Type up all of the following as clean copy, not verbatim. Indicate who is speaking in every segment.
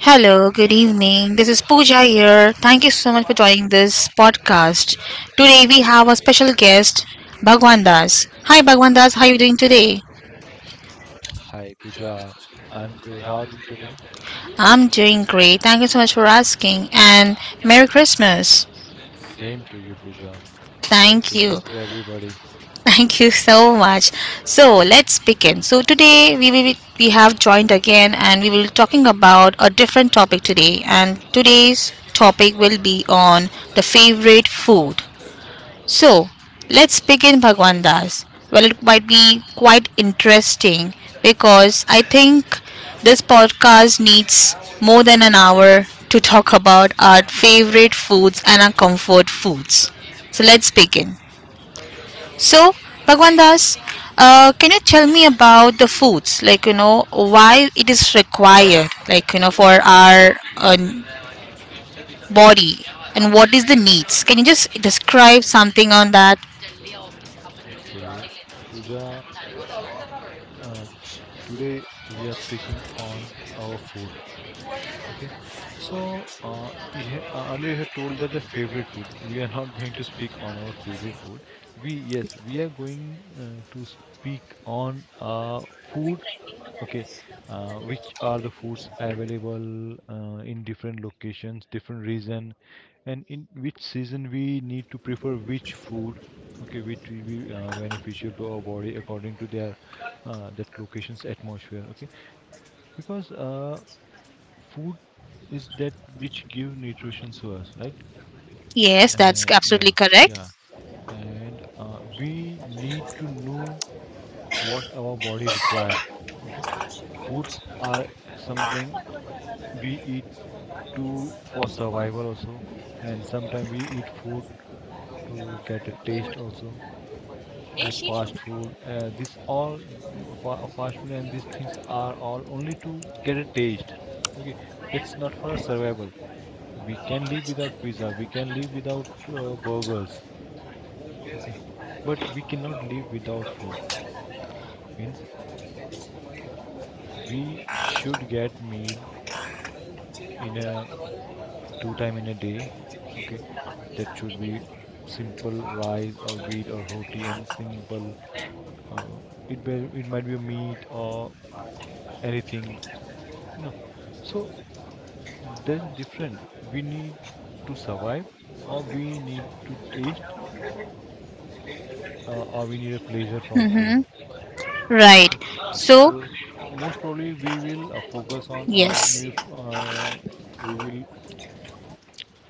Speaker 1: Hello, good evening. This is Pooja here. Thank you so much for joining this podcast. Today we have a special guest, Bhagwan Das. Hi Bhagwan Das, how are you doing today?
Speaker 2: Hi Pooja, I'm good. How are you today?
Speaker 1: I'm doing great. Thank you so much for asking and Merry Christmas.
Speaker 2: Same to you, Pooja. Merry
Speaker 1: Thank you.
Speaker 2: Christmas to everybody.
Speaker 1: Thank you so much. So, let's begin. So, today we have joined again and we will be talking about a different topic today, and today's topic will be on the favorite food. So let's begin, Bhagwan Das. Well, it might be quite interesting because I think this podcast needs more than an hour to talk about our favorite foods and our comfort foods. So let's begin. So, Bhagwan Das, can you tell me about the foods? Like, you know, why it is required, like, you know, for our body, and what is the needs? Can you just describe something on that?
Speaker 2: Okay, Pooja, today we are speaking on our food. Okay, so earlier you had told that the favorite food. We are not going to speak on our favorite food. We yes, we are going to speak on food. Okay, which are the foods available in different locations, different region, and in which season we need to prefer which food. Okay, which will be beneficial to our body according to their that location's atmosphere. Okay, because food is that which give nutrition to us, right?
Speaker 1: Yes, that's
Speaker 2: And
Speaker 1: absolutely
Speaker 2: yeah,
Speaker 1: correct.
Speaker 2: yeah, and we need to know what our body required. Okay, foods are something we eat to for survival also, and sometimes we eat food to get a taste also, like fast food. This all fast food and these things are all only to get a taste. Okay, that's not for survival. We can live without pizza, we can live without burgers. Okay, but we cannot live without food. Means we should get meal in a two time in a day. Okay, that should be simple rice or wheat or roti and simple, uh, it be, it might be a meat or anything, you know. So there's different, we need to survive, or we need to taste, or we need a pleasure from food.
Speaker 1: Mm-hmm. Right. So,
Speaker 2: So most probably we will focus on,
Speaker 1: yes,
Speaker 2: we will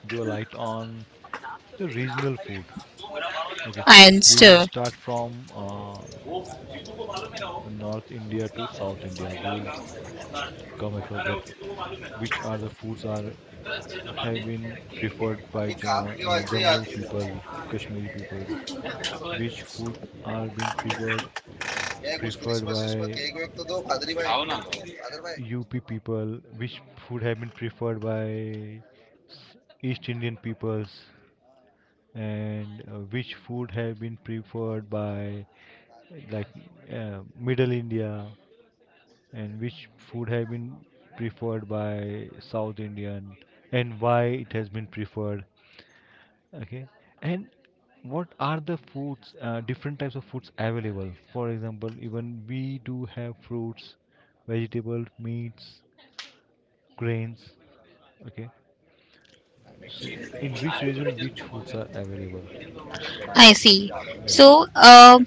Speaker 2: give a light on the regional food. Okay,
Speaker 1: I
Speaker 2: we will
Speaker 1: understood.
Speaker 2: start from uh, north India to south India. We will come across that which are the foods are have been preferred by ja Jammu people, Kashmiri peoples, which food are being preferred, preferred by UP people, which food have been preferred by east Indian peoples, and which food have been preferred by like uh, middle India, and which food have been preferred by South Indian, and why it has been preferred. Okay, and what are the foods, different types of foods available? For example, even we do have fruits, vegetables, meats, grains. Okay, so in which region which foods are available?
Speaker 1: I see.
Speaker 2: Yeah.
Speaker 1: So,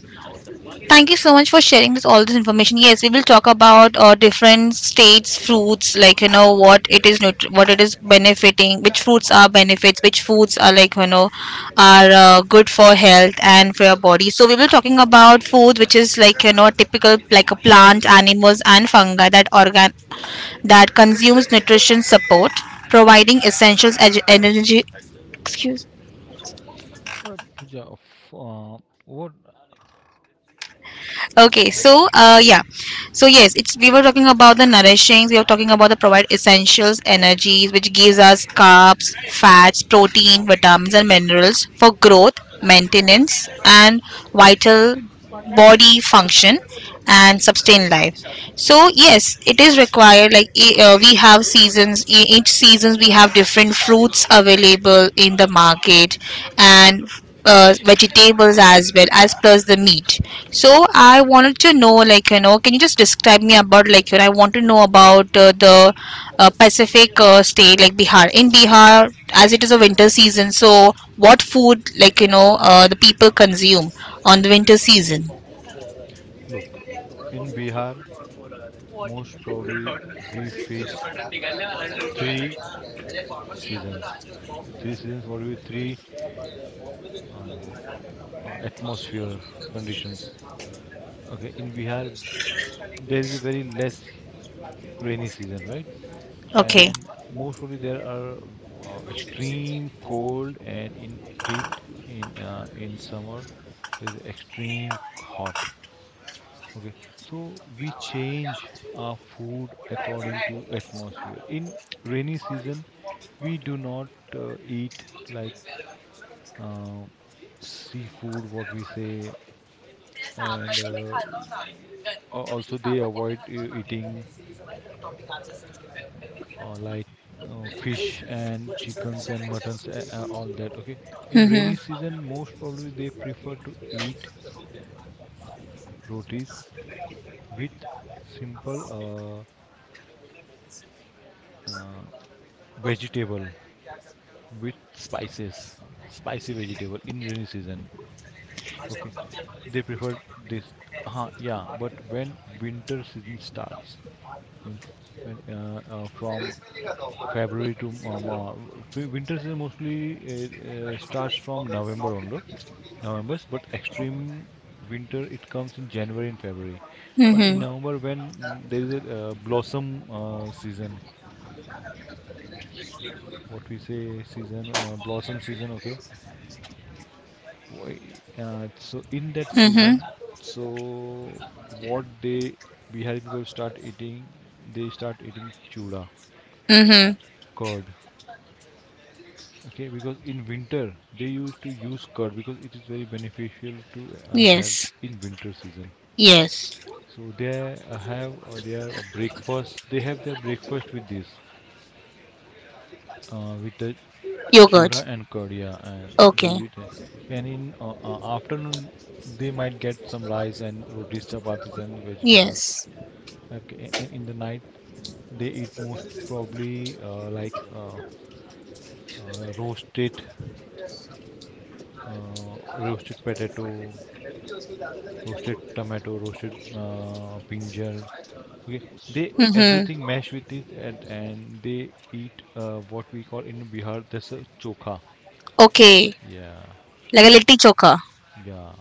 Speaker 1: thank you so much for sharing this all this information. Yes, we will talk about different states fruits, like you know what it is, what it is benefiting, which fruits are benefits, which foods are like you know are good for health and for your body. So we will talking about food, which is like you know typical like a plant, animals and fungi that organ that consumes nutrition support, providing essentials energy. Excuse.
Speaker 2: Pooja, what?
Speaker 1: Okay, so
Speaker 2: Uh,
Speaker 1: yeah, so yes, it's we were talking about the nourishings. We were talking about the provide essentials, energies, which gives us carbs, fats, protein, vitamins, and minerals for growth, maintenance, and vital body function and sustain life. So yes, it is required like we have seasons, each seasons we have different fruits available in the market, and vegetables as well as plus the meat. So I wanted to know like you know, can you just describe me about like you know, I want to know about the pacific state like Bihar. In Bihar, as it is a winter season, so what food like you know the people consume on the winter season?
Speaker 2: look, in Bihar, most probably we face three seasons. Three seasons. What do we? Three uh, atmosphere conditions? Okay, in Bihar, there is a very less rainy season, right?
Speaker 1: Okay.
Speaker 2: And most probably there are extreme cold, and in heat in summer there is extreme hot. Okay, so we change our food according to atmosphere. In rainy season, we do not eat like uh, seafood, what we say, and also they avoid eating like fish and chickens and muttons all that. Okay, in rainy
Speaker 1: Mm-hmm.
Speaker 2: season most probably they prefer to eat rotis with simple uh, uh, vegetable with spices, spicy vegetable in rainy season. Okay, they prefer this. Yeah, but when winter season starts, means when from February to winter season mostly starts from November only. November's, but extreme winter it comes in January and February. But in
Speaker 1: Mm-hmm.
Speaker 2: November when there is a blossom season, what we say season, blossom season. Okay, So in that
Speaker 1: Mm-hmm.
Speaker 2: season, so what they Bihari people start eating, they start eating chura,
Speaker 1: Mm-hmm.
Speaker 2: curd. Okay, because in winter they used to use curd because it is very beneficial to health
Speaker 1: Yes.
Speaker 2: in winter season.
Speaker 1: Yes.
Speaker 2: So they have their breakfast. They have their breakfast with this, with the
Speaker 1: Yogurt.
Speaker 2: chura and Kodia, and
Speaker 1: Okay.
Speaker 2: they, and in afternoon they might get some rice and rotis, chapatis, and vegetables.
Speaker 1: Yes.
Speaker 2: Okay, and in the night they eat most probably roasted, roasted potato, roasted tomato, roasted brinjal. Okay, they everything
Speaker 1: Mm-hmm.
Speaker 2: mash with it, and they eat what we call in Bihar that's a chokha.
Speaker 1: Okay.
Speaker 2: Yeah.
Speaker 1: Like a litti chokha.
Speaker 2: Yeah,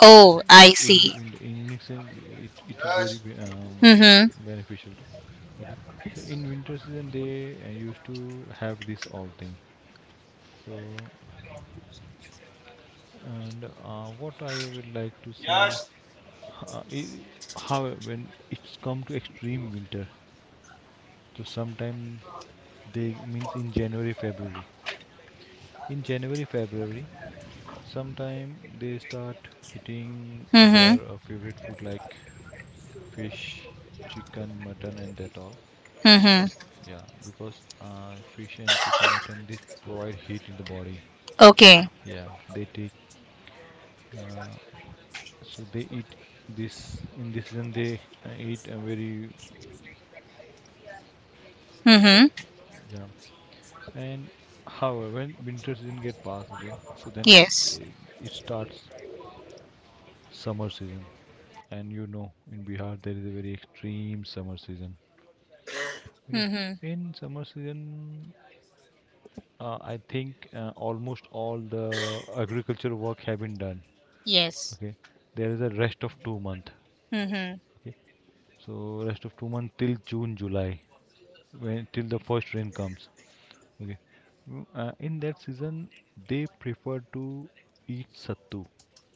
Speaker 1: Oh, I
Speaker 2: so in the
Speaker 1: see.
Speaker 2: in the in winter season it is very
Speaker 1: Mm-hmm.
Speaker 2: beneficial to. Okay, so in winter season they used to have this all thing. So and what I would like to say, uh, i- how when it's come to extreme winter, so sometime they means in January February, in January February sometime they start eating
Speaker 1: Mm-hmm.
Speaker 2: their favorite food like fish, chicken, mutton, and that all.
Speaker 1: Mm-hmm.
Speaker 2: Yeah, because fish and chicken, mutton, this provide heat in the body.
Speaker 1: Okay.
Speaker 2: Yeah, they take. Uh, so they eat this in this season. They eat a very
Speaker 1: Mm-hmm.
Speaker 2: yeah. And however, when winter season get past, okay, so then
Speaker 1: Yes.
Speaker 2: it, it starts summer season. And you know, in Bihar there is a very extreme summer season. Okay,
Speaker 1: Mm-hmm.
Speaker 2: in summer season I think almost all the agriculture work have been done.
Speaker 1: Yes.
Speaker 2: Okay, there is a rest of 2 month.
Speaker 1: Mm-hmm.
Speaker 2: Okay, so rest of 2 month till June, July, when till the first rain comes. Okay, in that season they prefer to eat sattu.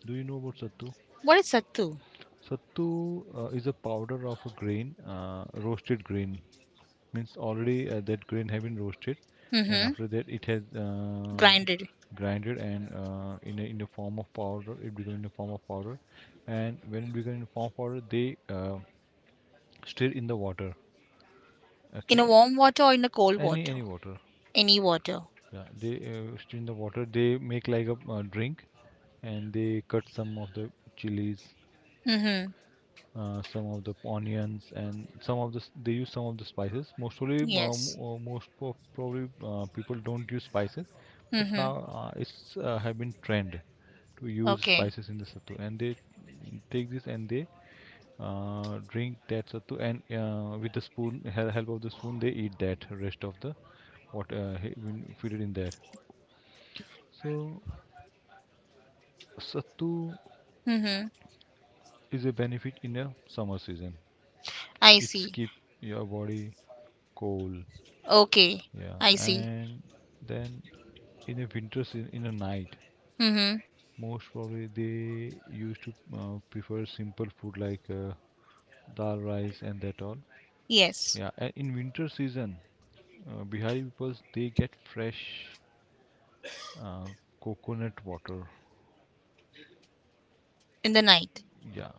Speaker 2: Do you know about sattu?
Speaker 1: What is sattu?
Speaker 2: Sattu is a powder of a grain, roasted grain. Means already that grain have been roasted, and
Speaker 1: Mm-hmm.
Speaker 2: after that it has
Speaker 1: Grinded.
Speaker 2: grinded, and in the form of powder it become in the form of powder, and when it become in the form of powder they stir in the water.
Speaker 1: In
Speaker 2: Okay,
Speaker 1: a warm water or in a cold water?
Speaker 2: any water.
Speaker 1: Any water.
Speaker 2: Yeah, they stir in the water, they make like a drink, and they cut some of the chilies,
Speaker 1: Mm-hmm.
Speaker 2: some of the onions, and some of they use some of the spices mostly
Speaker 1: Yes.
Speaker 2: Yes. Most probably people don't use spices, but now
Speaker 1: Mm-hmm.
Speaker 2: it's have been trend to use
Speaker 1: Okay.
Speaker 2: spices in the sattu, and they take this, and they drink that sattu, and with the spoon help of the spoon they eat that rest of the what been fitted in there. So sattu
Speaker 1: Mm-hmm.
Speaker 2: is a benefit in a summer season,
Speaker 1: I
Speaker 2: it
Speaker 1: see.
Speaker 2: keep your body cool.
Speaker 1: Okay.
Speaker 2: Yeah,
Speaker 1: I see.
Speaker 2: and then in a in a night,
Speaker 1: Mm-hmm.
Speaker 2: most probably they used to prefer simple food like dal rice and that all. Yes.
Speaker 1: Yes.
Speaker 2: Yeah, and in winter season, Bihari people they get fresh uh, coconut water.
Speaker 1: In the night.
Speaker 2: Yeah,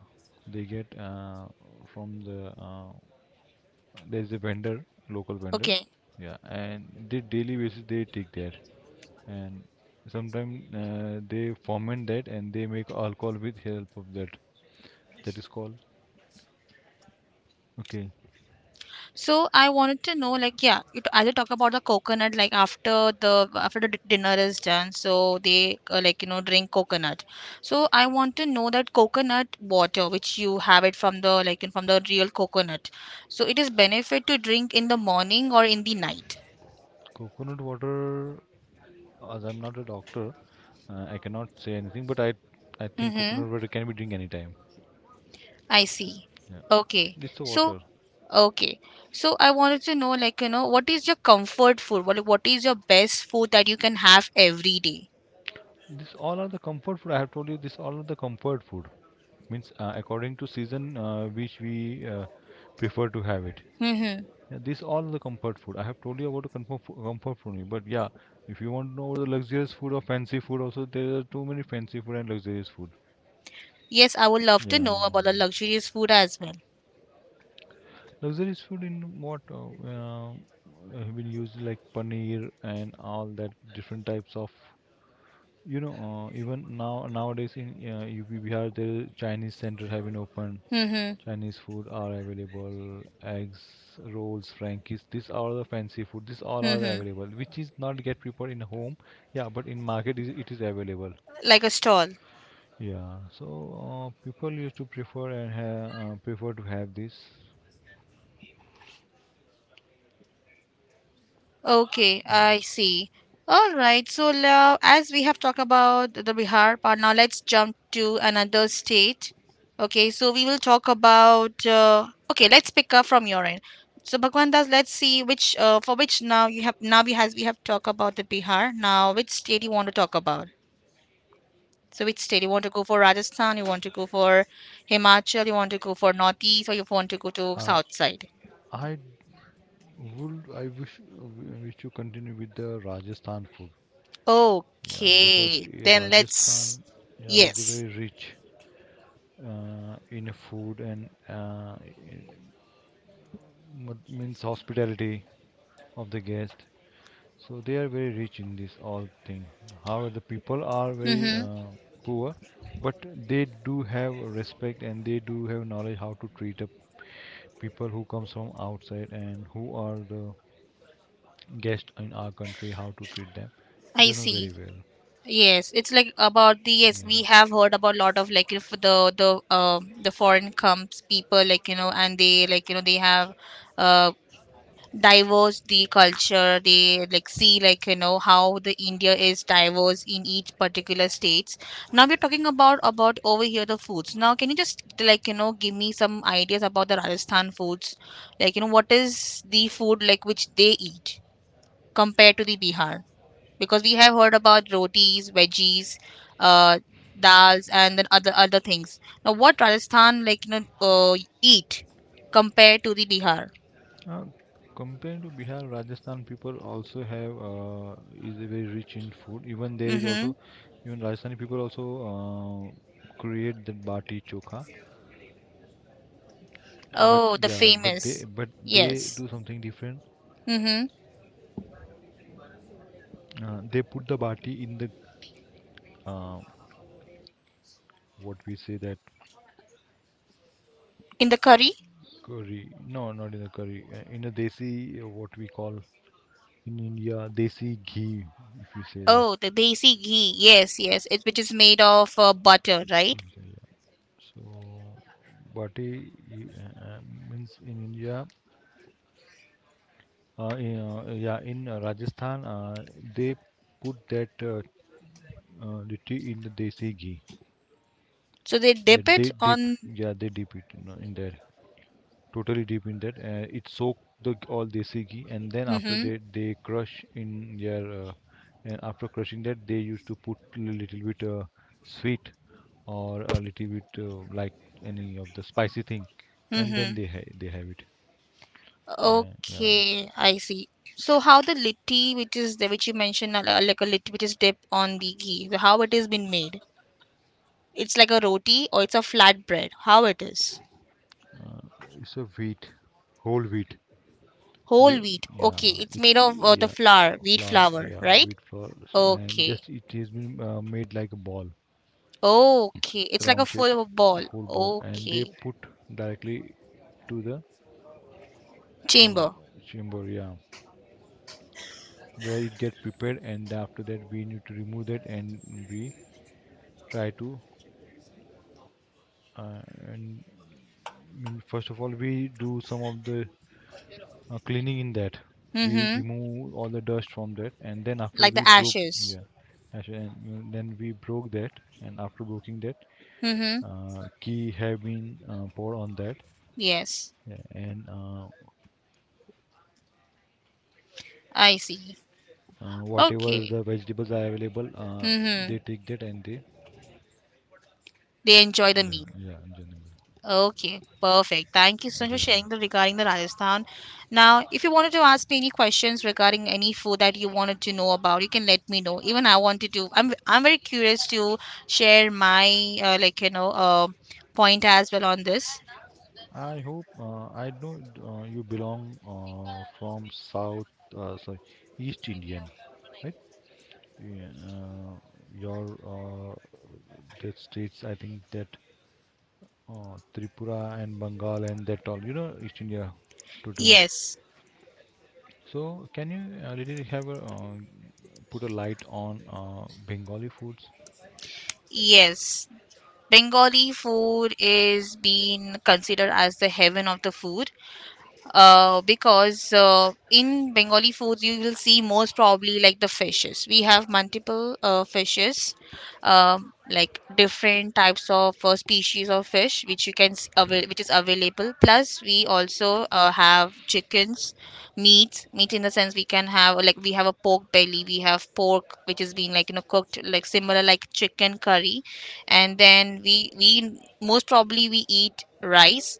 Speaker 2: they get from the there's a vendor, local vendor.
Speaker 1: Okay.
Speaker 2: Okay. Yeah, and they daily basis they take that, and sometimes they ferment that and they make alcohol with help of that, that is called, okay,
Speaker 1: So I wanted to know, like, yeah, you as you talk about the coconut, like after the dinner is done, so they like you know drink coconut. So I want to know that coconut water, which you have it from the like from the real coconut, so it is benefit to drink in the morning or in the night.
Speaker 2: coconut water. As I'm not a doctor, I cannot say anything, but I think
Speaker 1: Mm-hmm.
Speaker 2: coconut water can be drink anytime.
Speaker 1: I see.
Speaker 2: Yeah.
Speaker 1: Okay.
Speaker 2: This the
Speaker 1: So
Speaker 2: water.
Speaker 1: okay. So I wanted to know, like, you know, what is your comfort food? What is your best food that you can have every day?
Speaker 2: This all are the comfort food, I have told you this all are the comfort food. Means according to season which we prefer to have it.
Speaker 1: Mm-hmm.
Speaker 2: Yeah, these all the comfort food. I have told you about the comfort comfort food, only, but yeah, if you want to know the luxurious food or fancy food, also there are too many fancy food and luxurious food.
Speaker 1: Yes, I would love to
Speaker 2: Yeah,
Speaker 1: know about the luxurious food as well.
Speaker 2: luxurious food in what we use like paneer and all that different types of, you know, even now nowadays in UP Bihar the Chinese centers have been opened.
Speaker 1: Mm-hmm.
Speaker 2: Chinese food are available, eggs, rolls, frankies. These are the fancy food. These all are
Speaker 1: Mm-hmm.
Speaker 2: available, which is not get prepared in home. Yeah, but in market is it is available.
Speaker 1: Like a stall.
Speaker 2: Yeah, so people used to prefer prefer to have this.
Speaker 1: Okay,
Speaker 2: Mm.
Speaker 1: I see. All right. So now, as we have talked about the Bihar part, now let's jump to another state. Okay, so we will talk about. Okay, let's pick up from your end. So Bhagwan Das, let's see which for which now you have now we have talked about the Bihar. Now, which state you want to talk about? So which state you want to go for? Rajasthan, you want to go for Himachal, you want to go for Northeast, or you want to go to
Speaker 2: Uh,
Speaker 1: South side?
Speaker 2: I I wish wish to continue with the Rajasthan food. Yeah, because
Speaker 1: Okay,
Speaker 2: eh,
Speaker 1: then let's.
Speaker 2: Rajasthan yeah is
Speaker 1: Yes.
Speaker 2: very rich, in a food and what means hospitality of the guest. So they are very rich in this all thing. However, the people are very
Speaker 1: Mm-hmm.
Speaker 2: poor, but they do have respect and they do have knowledge how to treat the people who comes from outside and who are the guests in our country, how to treat them.
Speaker 1: I
Speaker 2: They know
Speaker 1: see.
Speaker 2: very well.
Speaker 1: Yes, it's like about the yes, we have
Speaker 2: Yeah.
Speaker 1: heard about lot of like if the the foreign comes people like you know, and they like you know they have uh diverse the culture, they like see like you know how the India is diverse in each particular states. Now we're talking about over here the foods. Now can you just like you know give me some ideas about the Rajasthan foods, like you know what is the food like which they eat compared to the Bihar, because we have heard about rotis, veggies, uh, dals and then other other things. Now what Rajasthan like you know eat compared to the Bihar?
Speaker 2: Uh, Compared to Bihar, Rajasthan people also have is a very rich in food. Even there is
Speaker 1: Mm-hmm.
Speaker 2: also, even Rajasthani people also create that bati chokha. But
Speaker 1: Oh, the
Speaker 2: yeah, but
Speaker 1: famous.
Speaker 2: they
Speaker 1: Yes.
Speaker 2: do something different.
Speaker 1: Mm-hmm.
Speaker 2: They put the bati in the uh, what we say that
Speaker 1: In the curry?
Speaker 2: curry. No, not in the curry. In a desi, what we call in India desi ghee. If you say that.
Speaker 1: Oh, the desi ghee. Yes, yes. It which is made of butter, right?
Speaker 2: So, Bati uh, uh, means in India, yeah, in Rajasthan, they put that the tea in the desi ghee.
Speaker 1: So they
Speaker 2: Yeah,
Speaker 1: dip it
Speaker 2: they dip.
Speaker 1: on.
Speaker 2: Yeah, they dip it in there. Totally deep in that. It soak all desi ghee, and then after
Speaker 1: Mm-hmm.
Speaker 2: that they crush in their. And after crushing that, they used to put a little bit sweet or a little bit like any of the spicy thing, and then
Speaker 1: Mm-hmm.
Speaker 2: they have it. And
Speaker 1: Okay, I see. So how the litti, which is the which you mentioned, like a litti, which is dipped on the ghee, so how it has been made? It's like a roti or it's a flat bread. How it is?
Speaker 2: it's a wheat, whole wheat.
Speaker 1: Whole
Speaker 2: we,
Speaker 1: wheat.
Speaker 2: yeah,
Speaker 1: Okay, it's
Speaker 2: it's
Speaker 1: made of the
Speaker 2: yeah,
Speaker 1: flour, wheat
Speaker 2: flour,
Speaker 1: flour,
Speaker 2: yeah,
Speaker 1: right?
Speaker 2: wheat flour. So, and
Speaker 1: Okay.
Speaker 2: just it has been made like a ball,
Speaker 1: Okay. It's like a
Speaker 2: round shape,
Speaker 1: full ball.
Speaker 2: whole ball, and they
Speaker 1: Okay.
Speaker 2: put directly to the uh,
Speaker 1: Chamber.
Speaker 2: chamber, yeah, where it get prepared, and after that we need to remove that, and we try to uh, and I mean first of all we do some of the cleaning in that, we
Speaker 1: Mm-hmm.
Speaker 2: remove all the dust from that and then after
Speaker 1: Like
Speaker 2: we
Speaker 1: the
Speaker 2: broke,
Speaker 1: ashes.
Speaker 2: yeah actually, and then we broke that and after breaking that
Speaker 1: Mm-hmm.
Speaker 2: key have been poured on that,
Speaker 1: Yes.
Speaker 2: yeah, and
Speaker 1: I see.
Speaker 2: whatever Okay.
Speaker 1: Okay.
Speaker 2: the vegetables are available,
Speaker 1: Mm-hmm.
Speaker 2: they take that and they,
Speaker 1: They enjoy the
Speaker 2: yeah
Speaker 1: meal.
Speaker 2: yeah, enjoy the.
Speaker 1: Okay. Perfect. Thank you so much
Speaker 2: Yeah,
Speaker 1: for sharing the regarding the Rajasthan. Now, if you wanted to ask me any questions regarding any food that you wanted to know about, you can let me know. Even I wanted to. I'm very curious to share my like you know point as well on this.
Speaker 2: I hope I know you belong from South, sorry, East Indian, right? Yeah, uh, your that states, I think that Tripura and Bengal and that all, you know, East India totally.
Speaker 1: Yes.
Speaker 2: So can you a little have a put a light on Bengali foods?
Speaker 1: Yes. Bengali food is being considered as the heaven of the food, because in Bengali foods you will see most probably like the fishes. We have multiple fishes, like different types of species of fish which you can which is available. Plus, we also have chickens, meat, meat in the sense we can have like we have a pork belly, we have pork which is being like you know cooked like similar like chicken curry, and then we most probably we eat rice.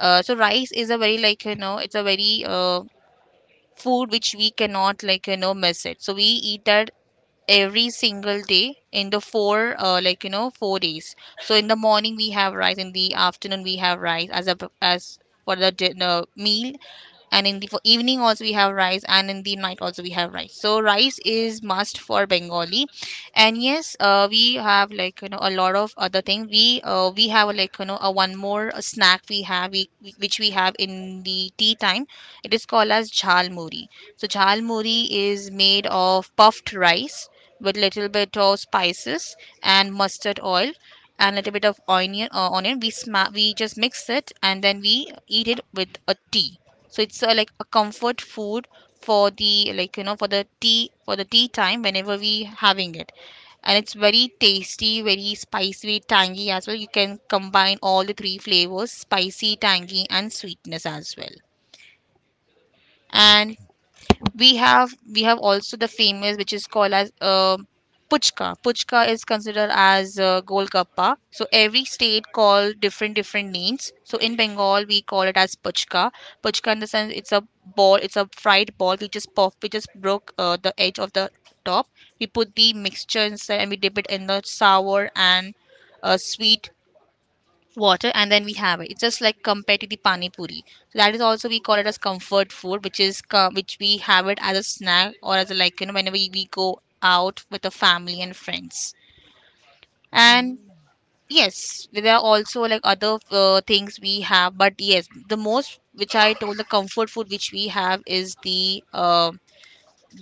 Speaker 1: So rice is a very like you know it's a very food which we cannot like you know miss it. So we eat that every single day in the four like you know 4 days. So in the morning we have rice, in the afternoon we have rice as a as for the dinner meal, and in the for evening also we have rice, and in the night also we have rice. So rice is must for Bengali. And yes, we have like you know a lot of other thing, we have like you know a one more snack we have which we have in the tea time. It is called as jhal muri. So jhal muri is made of puffed rice with little bit of spices and mustard oil and little bit of onion. Onion we we just mix it and then we eat it with a tea. So it's like a comfort food for the like you know for the tea time whenever we having it. And it's very tasty, very spicy, tangy as well. You can combine all the three flavors, spicy, tangy, and sweetness as well. And
Speaker 2: Okay,
Speaker 1: we have also the famous which is called as puchka. Puchka is considered as golgappa, so every state call different different names, so in Bengal we call it as puchka. Puchka in the sense it's a ball, it's a fried ball, we just puff, we just broke the edge of the top, we put the mixture inside and we dip it in the sour and sweet water and then we have it. It's just like compared to the pani puri. So that is also we call it as comfort food, which is which we have it as a snack or as a like you know whenever we go out with the family and friends. And yes, there are also like other things we have, but yes, the most which I told the comfort food which we have is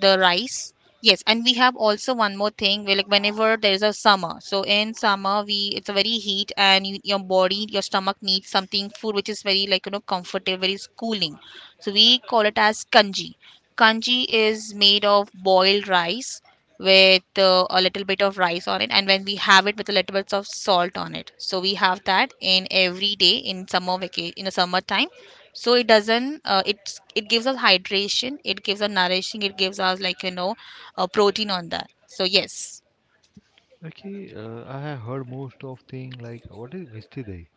Speaker 1: the rice. Yes, and we have also one more thing. We like whenever there is a summer. So in summer, we it's a very heat, and you, your body, your stomach needs something food which is very like you know comfortable, very cooling. So we call it as kanji. Kanji is made of boiled rice with a little bit of rice on it, and when we have it with a little bit of salt on it. So we have that in every day in summer vacation in the summertime. So it doesn't it's it gives us hydration, it gives us nourishing, it gives us like you know protein on that. So yes.
Speaker 2: okay. I have heard most of thing, like what is mistide?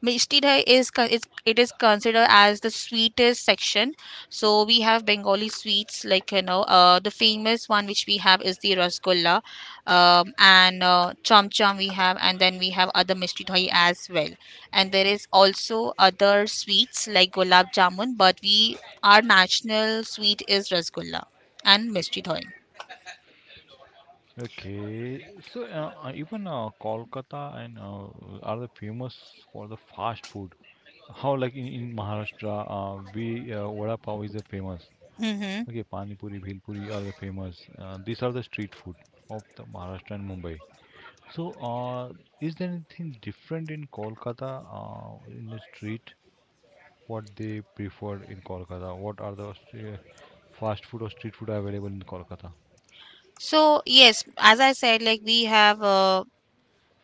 Speaker 1: Mishti Dai is it's, it is considered as the sweetest section. So we have Bengali sweets like the famous one which we have is the rasgulla, and cham cham we have, and then we have other mishti Dai as well. And there is also other sweets like gulab jamun, but we our national sweet is rasgulla and mishti Dai.
Speaker 2: Okay, so even Kolkata and are the famous for the fast food. How like in Maharashtra, we vada pav is the famous.
Speaker 1: Hmm.
Speaker 2: Okay, pani puri, bhel puri are the famous. These are the street food of the Maharashtra and Mumbai. So, is there anything different in Kolkata in the street? What they prefer in Kolkata? What are the stre- Fast food or street food available in Kolkata?
Speaker 1: So yes, as I said, like we have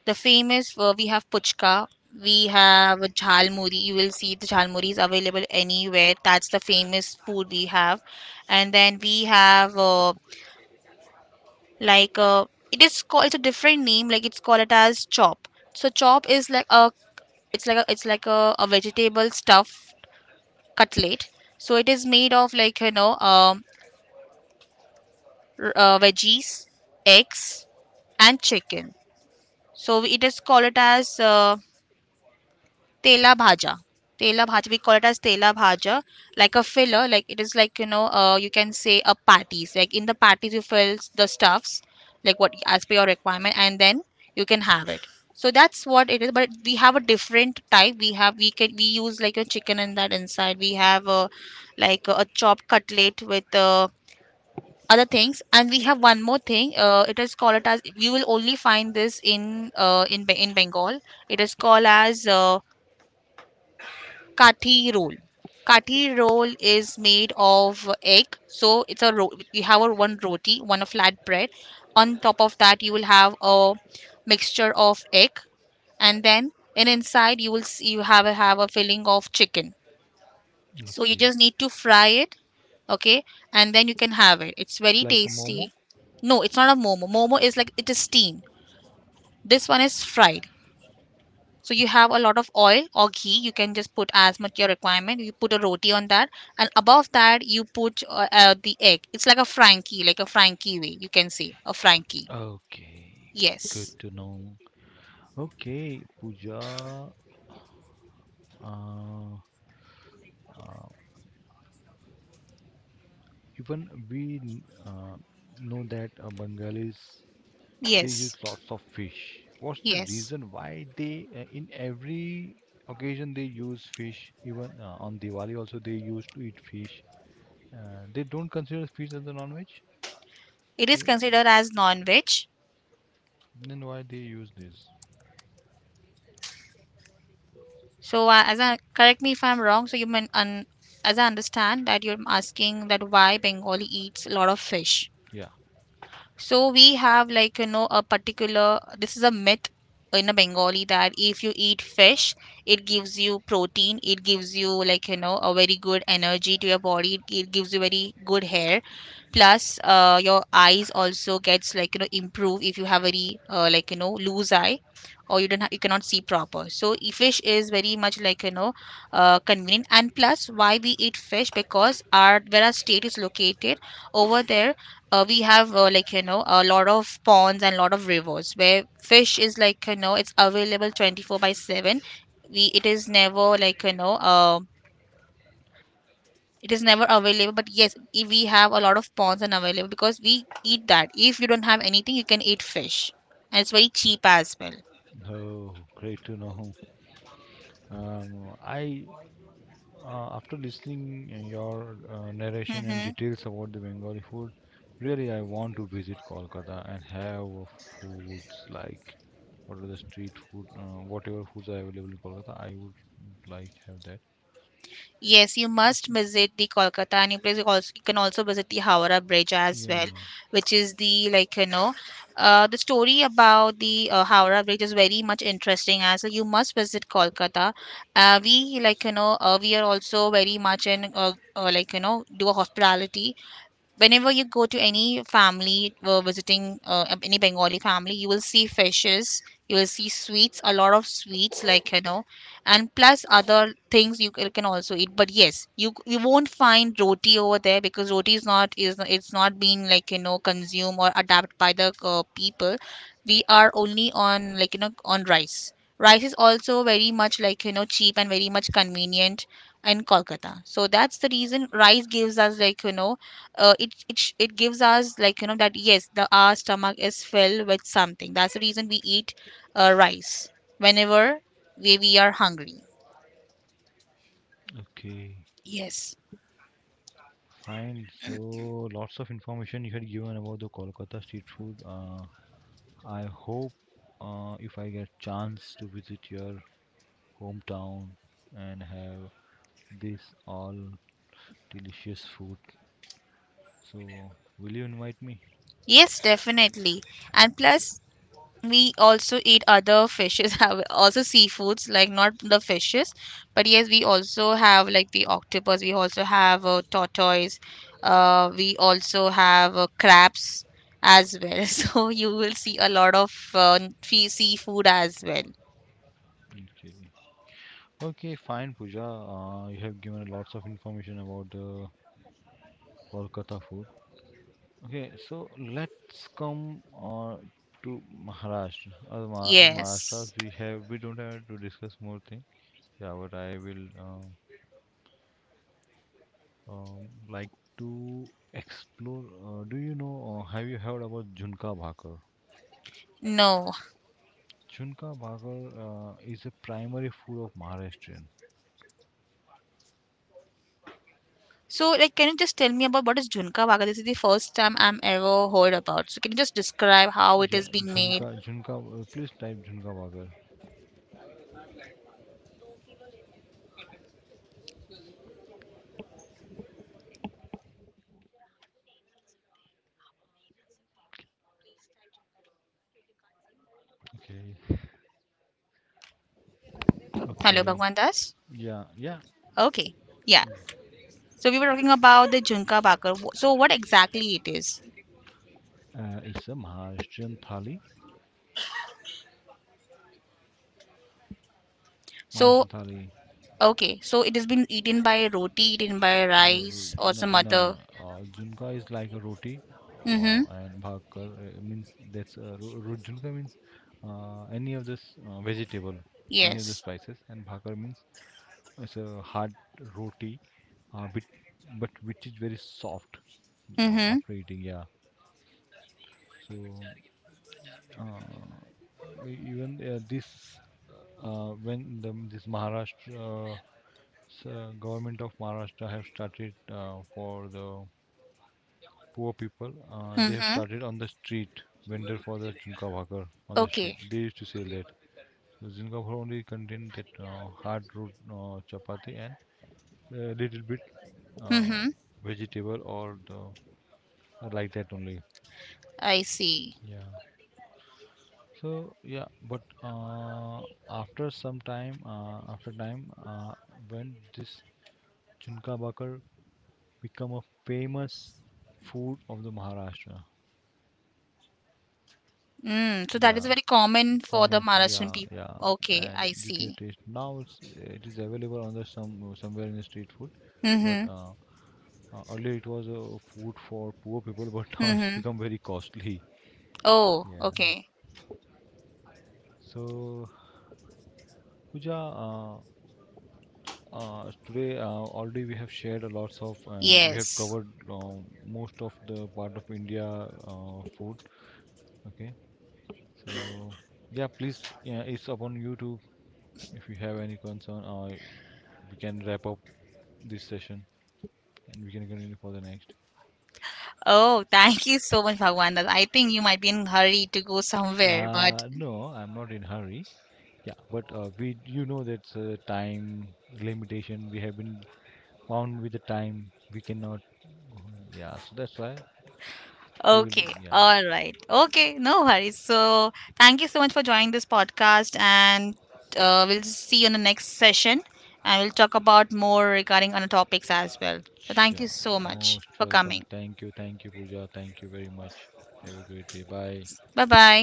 Speaker 1: the famous, we have puchka, we have jhalmuri. You will see the jhalmuri is available anywhere. That's the famous food we have. And then we have like it is called. It's a different name. Like it's called it as chop. So chop is like a vegetable stuffed cutlet. So it is made of like veggies, eggs, and chicken. So it is called it as tela bhaja tela bhaja, we call it as tela bhaja, like a filler, like it is, like you can say a patties, like in the patties you fill the stuffs like what as per your requirement, and then you can have it. So that's what it is, but we have a different type. We have we can we use like a chicken in that. Inside we have a like a chopped cutlet with other things. And we have one more thing, it is called it as, you will only find this in Bengal. It is called as Kathi roll. Kathi roll is made of egg, so you have a one roti, one a flat bread. On top of that, you will have a mixture of egg, and then in inside you will see you have a filling of chicken. So you
Speaker 2: Okay.
Speaker 1: just need to fry it, okay, and then you can have it. It's very tasty. No, it's not a momo. Momo is like it is steamed. This one is fried. So you have a lot of oil or ghee. You can just put as much your requirement. You put a roti on that, and above that you put the egg. It's like a frankie way. You can say a frankie.
Speaker 2: Okay, good
Speaker 1: Yes,
Speaker 2: to know. Okay, Pooja, uh, uh, even know that Bengalis they use
Speaker 1: yes,
Speaker 2: lots of fish. What's the
Speaker 1: yes.
Speaker 2: reason why they in every occasion they use fish? Even on Diwali also they used to eat fish. They don't consider fish as a non-veg.
Speaker 1: It is
Speaker 2: You
Speaker 1: considered as non-veg.
Speaker 2: then why they use this?
Speaker 1: So as I correct me if I'm wrong. So you mean as I understand that you're asking that why Bengali eats a lot of fish.
Speaker 2: Yeah.
Speaker 1: So we have like a particular, this is a myth in a Bengali that if you eat fish, it gives you protein, it gives you like a very good energy to your body, it gives you very good hair. Plus, your eyes also gets like improve if you have very like loose eye, or you don't ha- you cannot see proper, so fish is very much like convenient. And plus, why we eat fish, because our where our state is located over there, we have like a lot of ponds and lot of rivers where fish is like it's available 24 by 7. We it is never like it is never available, but yes, if we have a lot of ponds and available because we eat that, if you don't have anything you can eat fish, and it's very cheap as well.
Speaker 2: Oh, great to know. I after listening your narration and
Speaker 1: Hmm.
Speaker 2: details about the Bengali food, really I want to visit Kolkata and have foods like what are the street food, whatever foods are available in Kolkata. I would like have that.
Speaker 1: Yes, you must visit the Kolkata, and you please also, you can also visit the Howrah Bridge as well,
Speaker 2: Yeah.
Speaker 1: which is the like you know, the story about the Howrah Bridge is very much interesting as well. You must visit Kolkata. We like we are also very much in like do a hospitality, whenever you go to any family, visiting any Bengali family, you will see fishes, you will see sweets, a lot of sweets, like and plus other things you can also eat. But yes, you won't find roti over there, because roti is not is it's not being like consumed or adapted by the people. We are only on like you know on rice. Rice is also very much like cheap and very much convenient in Kolkata. So that's the reason rice gives us like it gives us like that yes, the our stomach is filled with something. That's the reason we eat rice whenever we are hungry.
Speaker 2: Okay.
Speaker 1: Yes.
Speaker 2: Fine. So lots of information you had given about the Kolkata street food. I hope if I get chance to visit your hometown and have this all delicious food. So, will you invite me?
Speaker 1: Yes, definitely. And plus, we also eat other fishes have also seafoods, like not the fishes, but yes, we also have like the octopus, we also have tortoise, we also have crabs as well so you will see a lot of seafood as well.
Speaker 2: Okay. Okay, fine, Pooja. You have given lots of information about the Kolkata food. Okay, so let's come to Maharashtra. Ma- in Yes.
Speaker 1: Yes.
Speaker 2: Maharashtra, Yes. We don't have to discuss more thing. Yeah, but I will Like to explore. Do you know? Have you heard about Junka Bhakar?
Speaker 1: No.
Speaker 2: Junka Bhakar is a primary food of Maharashtra.
Speaker 1: So, like, can you just tell me about what is Junka Baga? This is the first time I'm ever heard about. So, can you just describe how it is
Speaker 2: Yeah,
Speaker 1: being made?
Speaker 2: Please type Junka Wagar. Okay.
Speaker 1: Hello,
Speaker 2: Okay,
Speaker 1: Bhagwan Das.
Speaker 2: yeah, yeah,
Speaker 1: Okay. Yeah. So, we were talking about the Junka Baga. So, what exactly it is?
Speaker 2: it's a Maharashtrian thali.
Speaker 1: So,
Speaker 2: Maharashtrian thali.
Speaker 1: okay. So, it has been eaten by roti, eaten by rice, or some
Speaker 2: No, no,
Speaker 1: other.
Speaker 2: no. Junka is like a roti,
Speaker 1: Mm-hmm.
Speaker 2: and bhakar means Junka means any of this vegetable, any of
Speaker 1: Yes.
Speaker 2: the spices, and bhakar means it's a hard roti, uh, but but which is very soft,
Speaker 1: Mm-hmm.
Speaker 2: after eating. Yeah. So uh, even this, when this Maharashtra, government of Maharashtra have started for the poor people, they have
Speaker 1: Mm-hmm.
Speaker 2: started on the street vendor for the junka bhakar on the
Speaker 1: Okay.
Speaker 2: street. They used to sell that. So junka bhakar only contain that hard root, chapati and a little bit
Speaker 1: Mm-hmm.
Speaker 2: uh, vegetable or the I like that only.
Speaker 1: I see.
Speaker 2: Yeah. So yeah, but after some time, after time, when this Junka Bakar become a famous food of the Maharashtra.
Speaker 1: Mm. So, that is
Speaker 2: Yeah,
Speaker 1: very common for the
Speaker 2: common food.
Speaker 1: Maharashtrian
Speaker 2: Yeah,
Speaker 1: people.
Speaker 2: yeah,
Speaker 1: Okay, I
Speaker 2: and due to
Speaker 1: see.
Speaker 2: the taste, now it is available on the somewhere in the street food,
Speaker 1: Mm-hmm.
Speaker 2: but earlier it was a food for poor people, but now
Speaker 1: Mm-hmm.
Speaker 2: it's become very costly.
Speaker 1: Oh,
Speaker 2: Yeah.
Speaker 1: okay.
Speaker 2: So, Pooja, today already we have shared a lots of and we have
Speaker 1: Yes.
Speaker 2: covered most of the part of India food. Okay, so yeah, please, yeah, it's upon you to if you have any concern, we can wrap up this session and we can continue for the next.
Speaker 1: Oh, thank you so much, Bhagwanda. I think you might be in hurry to go somewhere, but
Speaker 2: No, I'm not in hurry. Yeah, but we you know that's time limitation. We have been bound with the time. We cannot go on. Yeah, so that's why we will,
Speaker 1: okay.
Speaker 2: yeah.
Speaker 1: All right. Okay, no worries. So thank you so much for joining this podcast, and we'll see you in the next session, and we'll talk about more regarding other topics as well. So thank you
Speaker 2: Sure.
Speaker 1: so much
Speaker 2: Most
Speaker 1: for coming.
Speaker 2: welcome. Thank you. Thank you, Pooja. Thank you very much. Have a great day. Bye.
Speaker 1: Bye bye.